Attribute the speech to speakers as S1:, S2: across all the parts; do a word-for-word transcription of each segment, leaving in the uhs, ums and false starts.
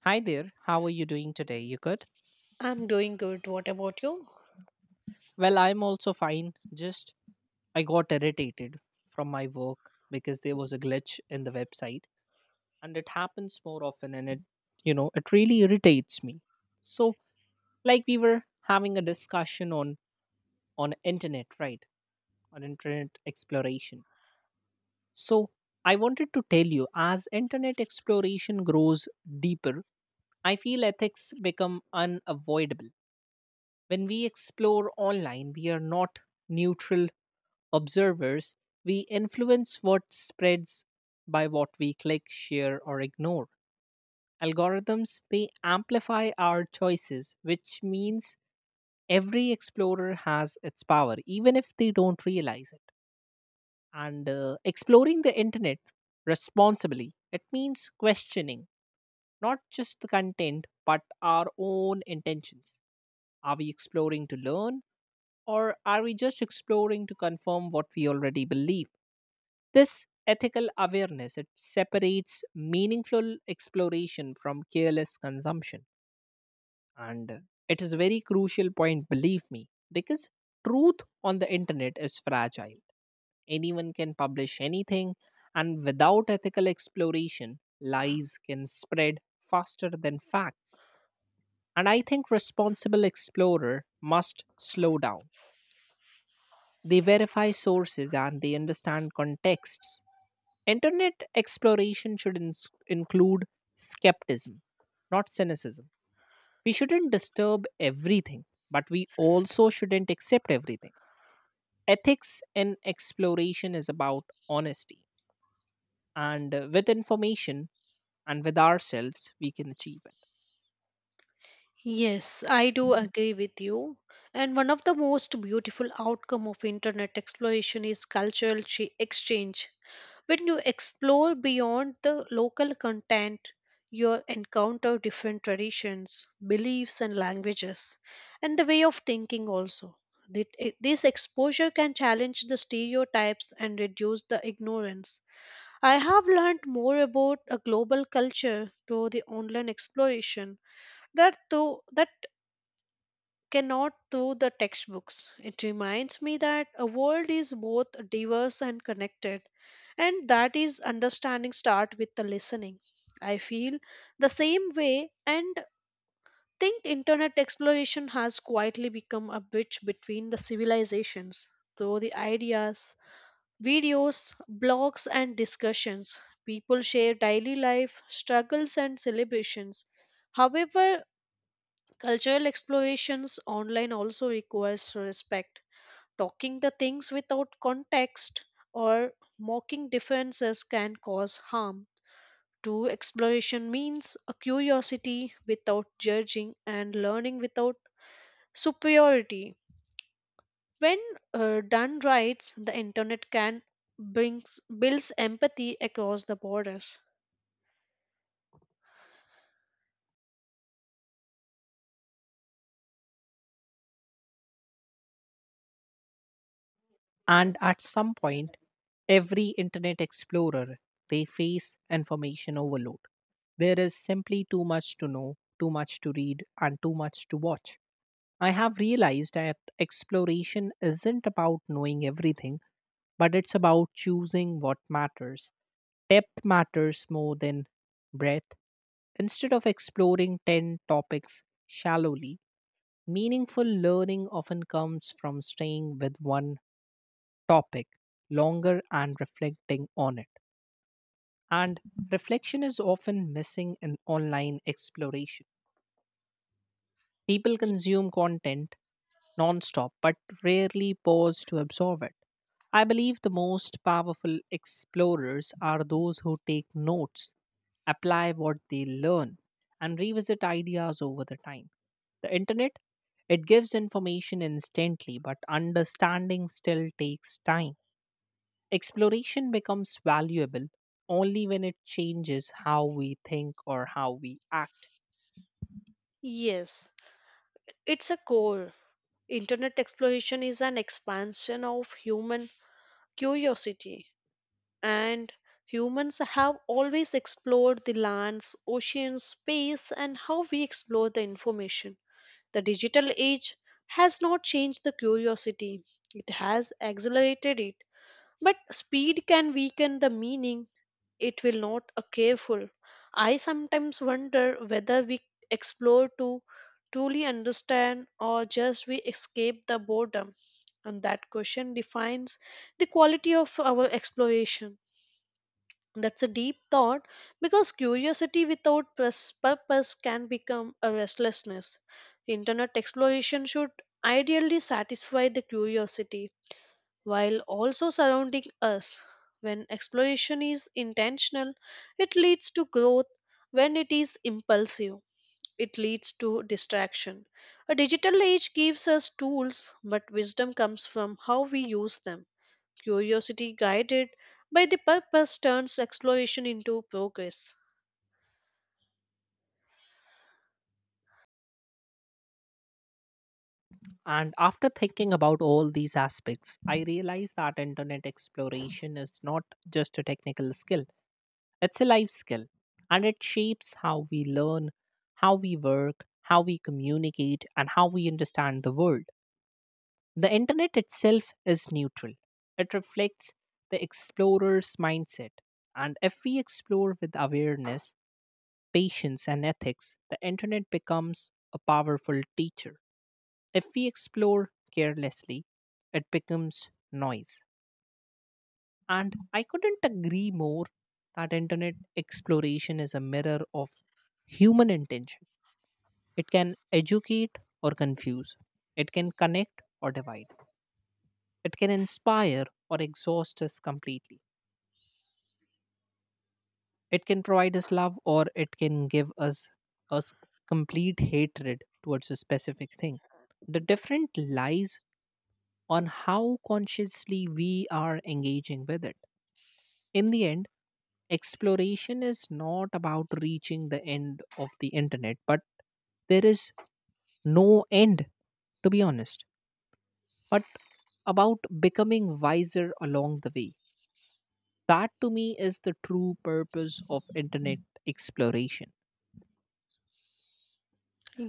S1: Hi there, how are you doing today? You good?
S2: I'm doing good. What about you?
S1: Well, I'm also fine. Just I got irritated from my work because there was a glitch in the website, and it happens more often, and it, you know, it really irritates me. So, like we were having a discussion on on internet, right? On internet exploration. So, I wanted to tell you, as internet exploration grows deeper, I feel ethics become unavoidable. When we explore online, we are not neutral observers. We influence what spreads by what we click, share, or ignore. Algorithms, they amplify our choices, which means every explorer has its power, even if they don't realize it. And uh, Exploring the internet responsibly, it means questioning not just the content, but our own intentions. Are we exploring to learn? Or are we just exploring to confirm what we already believe? This ethical awareness, it separates meaningful exploration from careless consumption. And uh, It is a very crucial point, believe me, because truth on the internet is fragile. Anyone can publish anything, and without ethical exploration, lies can spread faster than facts. And I think responsible explorer must slow down. They verify sources and they understand contexts. Internet exploration should ins include skepticism, not cynicism. We shouldn't disturb everything, but we also shouldn't accept everything. Ethics in exploration is about honesty, and uh, with information and with ourselves, we can achieve it.
S2: Yes, I do agree with you. And one of the most beautiful outcome of internet exploration is cultural chi- exchange. When you explore beyond the local content, you encounter different traditions, beliefs and languages and the way of thinking also. That- eh, This exposure can challenge the stereotypes and reduce the ignorance. I have learned more about a global culture through the online exploration that though that cannot through the textbooks. It reminds me that a world is both diverse and connected, and that is understanding start with the listening. I feel the same way and think internet exploration has quietly become a bridge between the civilizations through the ideas, videos, blogs, and discussions. People share daily life, struggles, and celebrations. However, cultural explorations online also requires respect. Talking the things without context or mocking differences can cause harm. True exploration means a curiosity without judging and learning without superiority. When uh, done right, the internet can brings builds empathy across the borders.
S1: And at some point, every internet explorer, they face information overload. There is simply too much to know, too much to read, and too much to watch. I have realized that exploration isn't about knowing everything, but it's about choosing what matters. Depth matters more than breadth. Instead of exploring ten topics shallowly, meaningful learning often comes from staying with one topic longer and reflecting on it. And reflection is often missing in online exploration. People
S2: Ye-
S1: consume content nonstop but rarely pause to absorb it. I believe the most powerful explorers are those who take notes, apply what they learn, and revisit ideas over the time. The internet, it gives information instantly, but understanding still takes time. Exploration becomes valuable only when it changes how we think or how we act.
S2: Yes, it's a core. Internet exploration is an expansion of human curiosity, and humans have always explored the lands, oceans, space, and how we explore the information. The digital age has not changed the curiosity, it has accelerated it. But speed can weaken the meaning it will not a careful. I sometimes wonder whether we explore to truly understand or just we escape the boredom. And that question defines the quality of our exploration. That's a deep thought because curiosity without pers- purpose can become a restlessness. Internet exploration should ideally satisfy the curiosity while also surrounding us. When exploration is intentional, it leads to growth. When it is impulsive, it leads to distraction. A digital age gives us tools, but wisdom comes from how we use them. Curiosity guided by the purpose turns exploration into progress.
S1: And after thinking about all these aspects, I realize that internet exploration is not just a technical skill, it's a life skill. And it shapes how we learn, how we work, how we communicate, and how we understand the world. The internet itself is neutral, it reflects the explorer's mindset. And if we explore with awareness, patience, and ethics, the internet becomes a powerful teacher. If we explore carelessly, it becomes noise. And I couldn't agree more that internet exploration is a mirror of human intention. It can educate or confuse. It can connect or divide. It can inspire or exhaust us completely. It can provide us love, or it can give us us complete hatred towards a specific thing. The different lies on how consciously we are engaging with it. In the end, exploration is not about reaching the end of the internet, but there is no end, to be honest, but about becoming wiser along the way. That, to me, is the true purpose of internet exploration.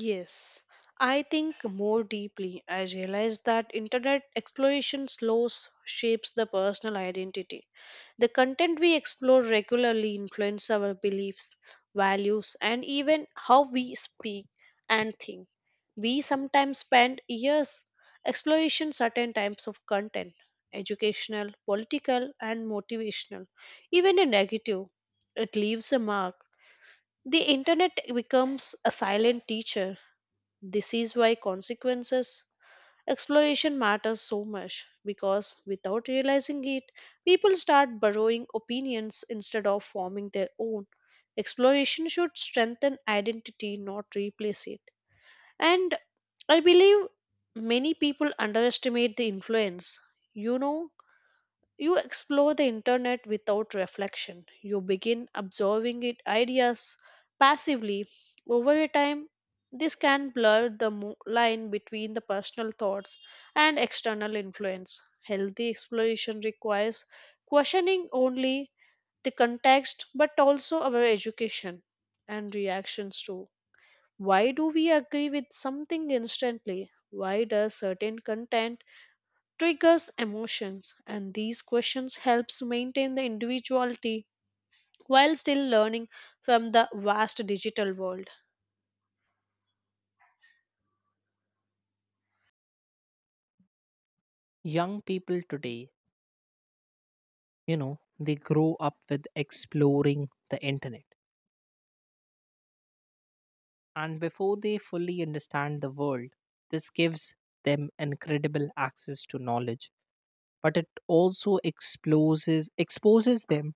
S2: Yes, I think more deeply. I realize that internet exploration slows shapes the personal identity. The content we explore regularly influences our beliefs, values, and even how we speak and think. We sometimes spend years exploring certain types of content, educational, political, and motivational, even a negative. It leaves a mark. The internet becomes a silent teacher. This is why consequences exploration matters so much because without realizing it, people start borrowing opinions instead of forming their own. Exploration should strengthen identity, not replace it. And I believe many people underestimate the influence. You know, you explore the internet without reflection. You begin absorbing it ideas passively. Over a time, this can blur the mo- line between the personal thoughts and external influence. Healthy exploration requires questioning only the context but also our education and reactions too. Why do we agree with something instantly? Why does certain content triggers emotions and these questions helps maintain the individuality while still learning from the vast digital world.
S1: Young people today, you know they grow up with exploring the internet and before they fully understand the world. This gives them incredible access to knowledge, but it also exposes exposes them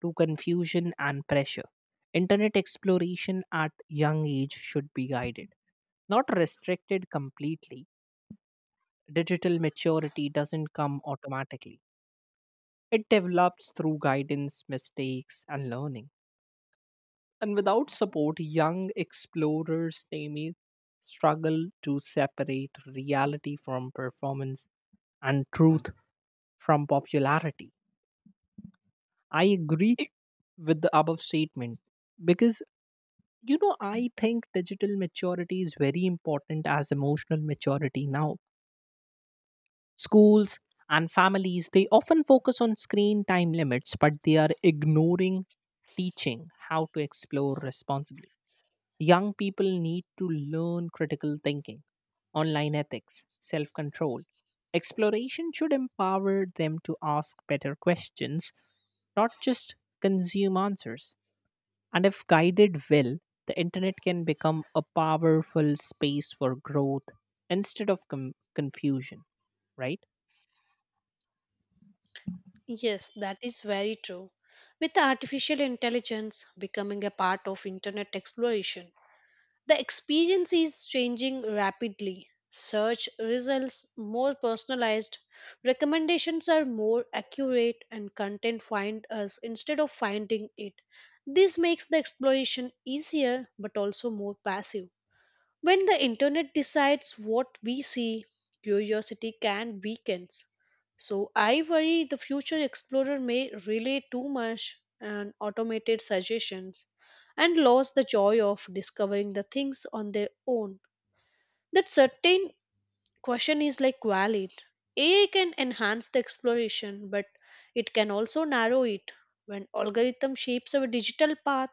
S1: to confusion and pressure. Internet exploration at young age should be guided, not restricted completely. Digital maturity doesn't come automatically, it develops through guidance, mistakes, and learning. And without support, young explorers, they may struggle to separate reality from performance, and truth from popularity. I agree with the above statement because you know I think digital maturity is very important as emotional maturity now. Schools and families, they often focus on screen time limits, but they are ignoring teaching how to explore responsibly. Young people need to learn critical thinking, online ethics, self control. Exploration should empower them to ask better questions, not just consume answers. And if guided well, the internet can become a powerful space for growth instead of com- confusion, right?
S2: Yes, that is very true. With artificial intelligence becoming a part of internet exploration, the experience is changing rapidly. Search results more personalized, recommendations are more accurate and content find us instead of finding it. This makes the exploration easier but also more passive. When the internet decides what we see, curiosity can weakens. So I worry the future explorer may rely too much on automated suggestions and lose the joy of discovering the things on their own. That certain question is like valid. A I can enhance the exploration, but it can also narrow it. When algorithm shapes our digital path,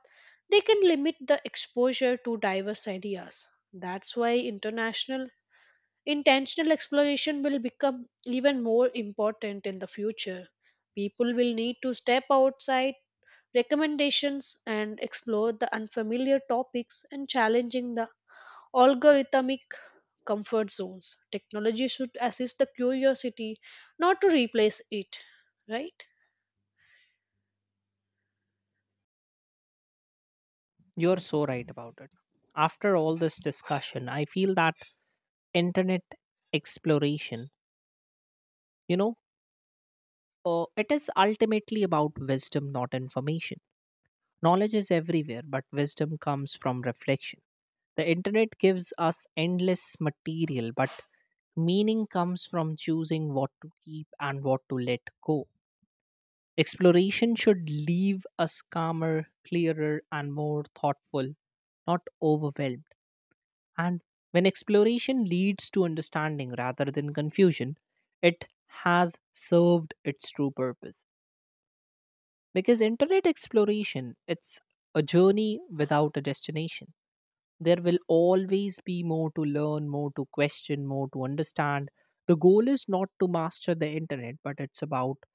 S2: they can limit the exposure to diverse ideas. That's why international intentional exploration will become even more important in the future. People will need to step outside recommendations and explore the unfamiliar topics and challenging the algorithmic comfort zones. Technology should assist the curiosity, not to replace it, right?
S1: You're so right about it. After all this discussion, I feel that internet exploration, you know, Uh, it is ultimately about wisdom, not information. Knowledge is everywhere, but wisdom comes from reflection. The internet gives us endless material, but meaning comes from choosing what to keep and what to let go. Exploration should leave us calmer, clearer, and more thoughtful, not overwhelmed. And when exploration leads to understanding rather than confusion, it has served its true purpose. Because internet exploration, it's a journey without a destination. There will always be more to learn, more to question, more to understand. The goal is not to master the internet, but it's about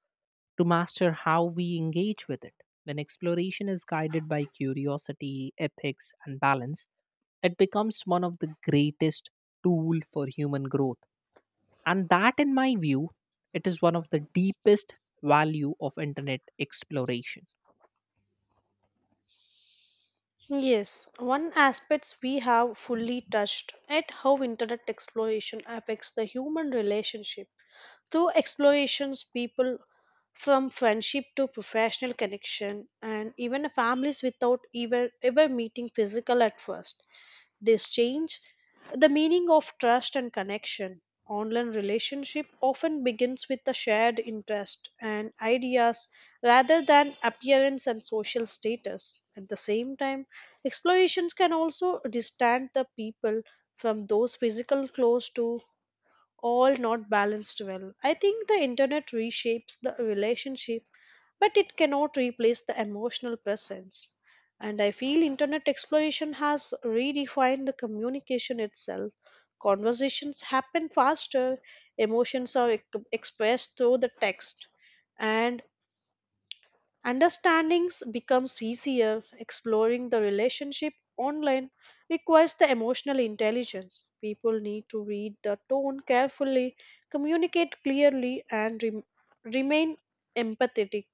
S1: to master how we engage with it. When exploration is guided by curiosity, ethics, and balance, it becomes one of the greatest tool for human growth. And that, in my view, it is one of the deepest value of internet exploration.
S2: Yes, one aspects we have fully touched at how internet exploration affects the human relationship. Through explorations, people from friendship to professional connection and even families without ever ever meeting physical at first. This change the meaning of trust and connection. Online relationship often begins with a shared interest and ideas rather than appearance and social status. At the same time, explorations can also distance the people from those physical close to all not balanced well. I think the internet reshapes the relationship, but it cannot replace the emotional presence. And I feel internet exploration has redefined the communication itself. Conversations happen faster, emotions are ex- expressed through the text, and understandings becomes easier. Exploring the relationship online requires the emotional intelligence. People need to read the tone carefully, communicate clearly, and rem- remain empathetic.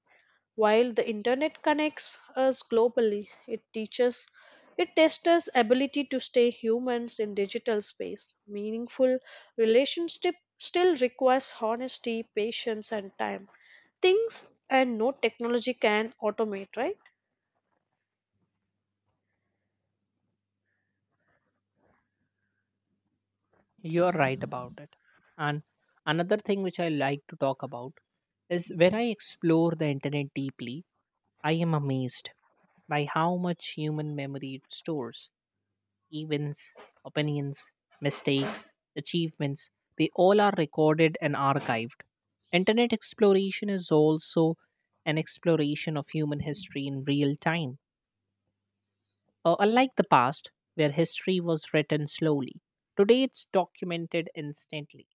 S2: While the internet connects us globally, it teaches it tests us ability to stay humans in digital space. Meaningful relationship still requires honesty, patience and time. Things and no technology can automate, right?
S1: You're right about it. And another thing which I like to talk about is, when I explore the internet deeply, I am amazed by how much human memory it stores. Events, opinions, mistakes, achievements, they all are recorded and archived. Internet exploration is also an exploration of human history in real time. Uh, unlike the past, where history was written slowly, today it's documented instantly.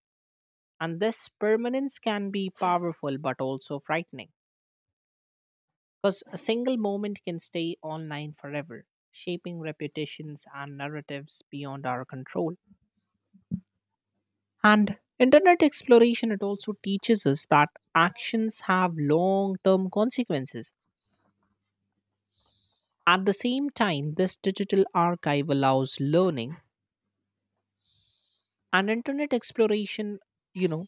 S1: And this permanence can be powerful but also frightening, because a single moment can stay online forever, shaping reputations and narratives beyond our control. And internet exploration, it also teaches us that actions have long-term consequences. At the same time, this digital archive allows learning. And internet exploration, you know,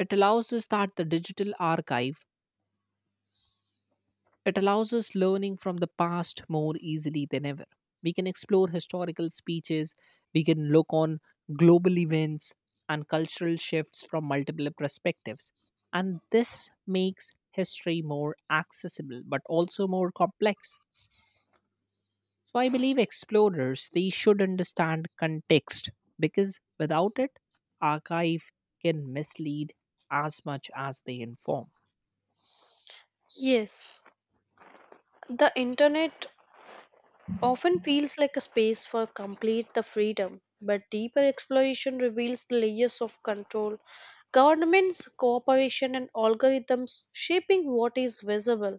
S1: it allows us that the digital archive, it allows us learning from the past more easily than ever. We can explore historical speeches, we can look on global events and cultural shifts from multiple perspectives. And this makes history more accessible but also more complex. So I believe explorers, they should understand context, because without it, archive can mislead as much as they inform.
S2: Yes. The internet often feels like a space for complete the freedom, but deeper exploration reveals the layers of control, governments, cooperation, and algorithms shaping what is visible.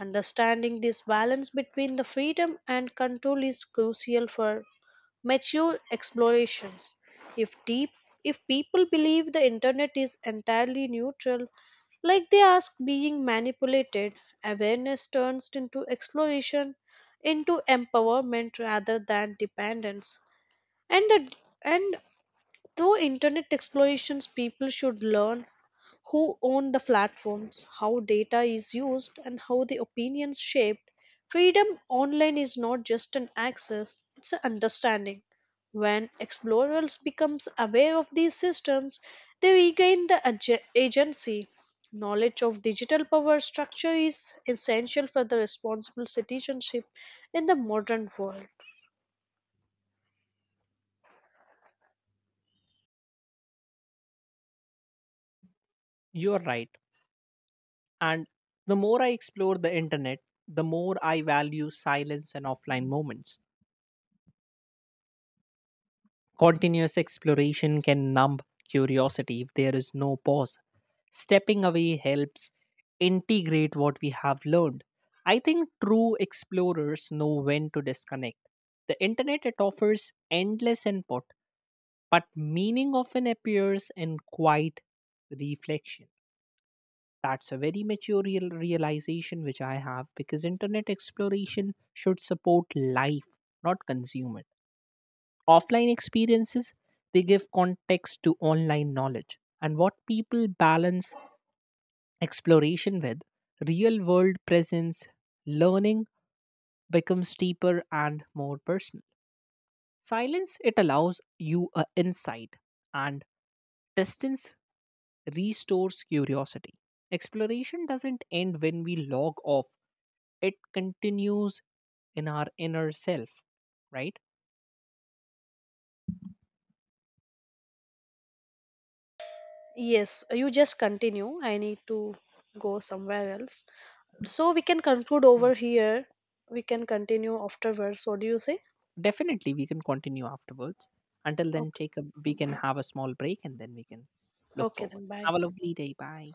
S2: Understanding this balance between the freedom and control is crucial for mature explorations. If deep if people believe the internet is entirely neutral, like they ask being manipulated, awareness turns into exploration into empowerment rather than dependence and the, and through internet explorations, people should learn who own the platforms, how data is used, and how the opinions shaped. Freedom online is not just an access, it's an understanding. When explorers becomes aware of these systems, they regain the ag- agency. Knowledge of digital power structure is essential for the responsible citizenship in the modern world.
S1: You're right. And the more I explore the internet, the more I value silence and offline moments. Continuous exploration can numb curiosity if there is no pause. Stepping away helps integrate what we have learned. I think true explorers know when to disconnect. The internet, it offers endless input, but meaning often appears in quiet reflection. That's a very mature real realization which I have, because internet exploration should support life, not consume it. Offline experiences, they give context to online knowledge. And what people balance exploration with, real world presence, learning becomes deeper and more personal. Silence, it allows you a insight, and distance restores curiosity. Exploration doesn't end when we log off, it continues in our inner self, right?
S2: Yes, you just continue. I need to go somewhere else. So we can conclude
S1: Mm.
S2: over here. We can continue afterwards. What do you say?
S1: Definitely, we can continue afterwards. Until then,
S2: Okay,
S1: take a we can have a small break, and then we can look
S2: okay
S1: forward.
S2: then.
S1: Have a
S2: Bye.
S1: lovely day. Bye.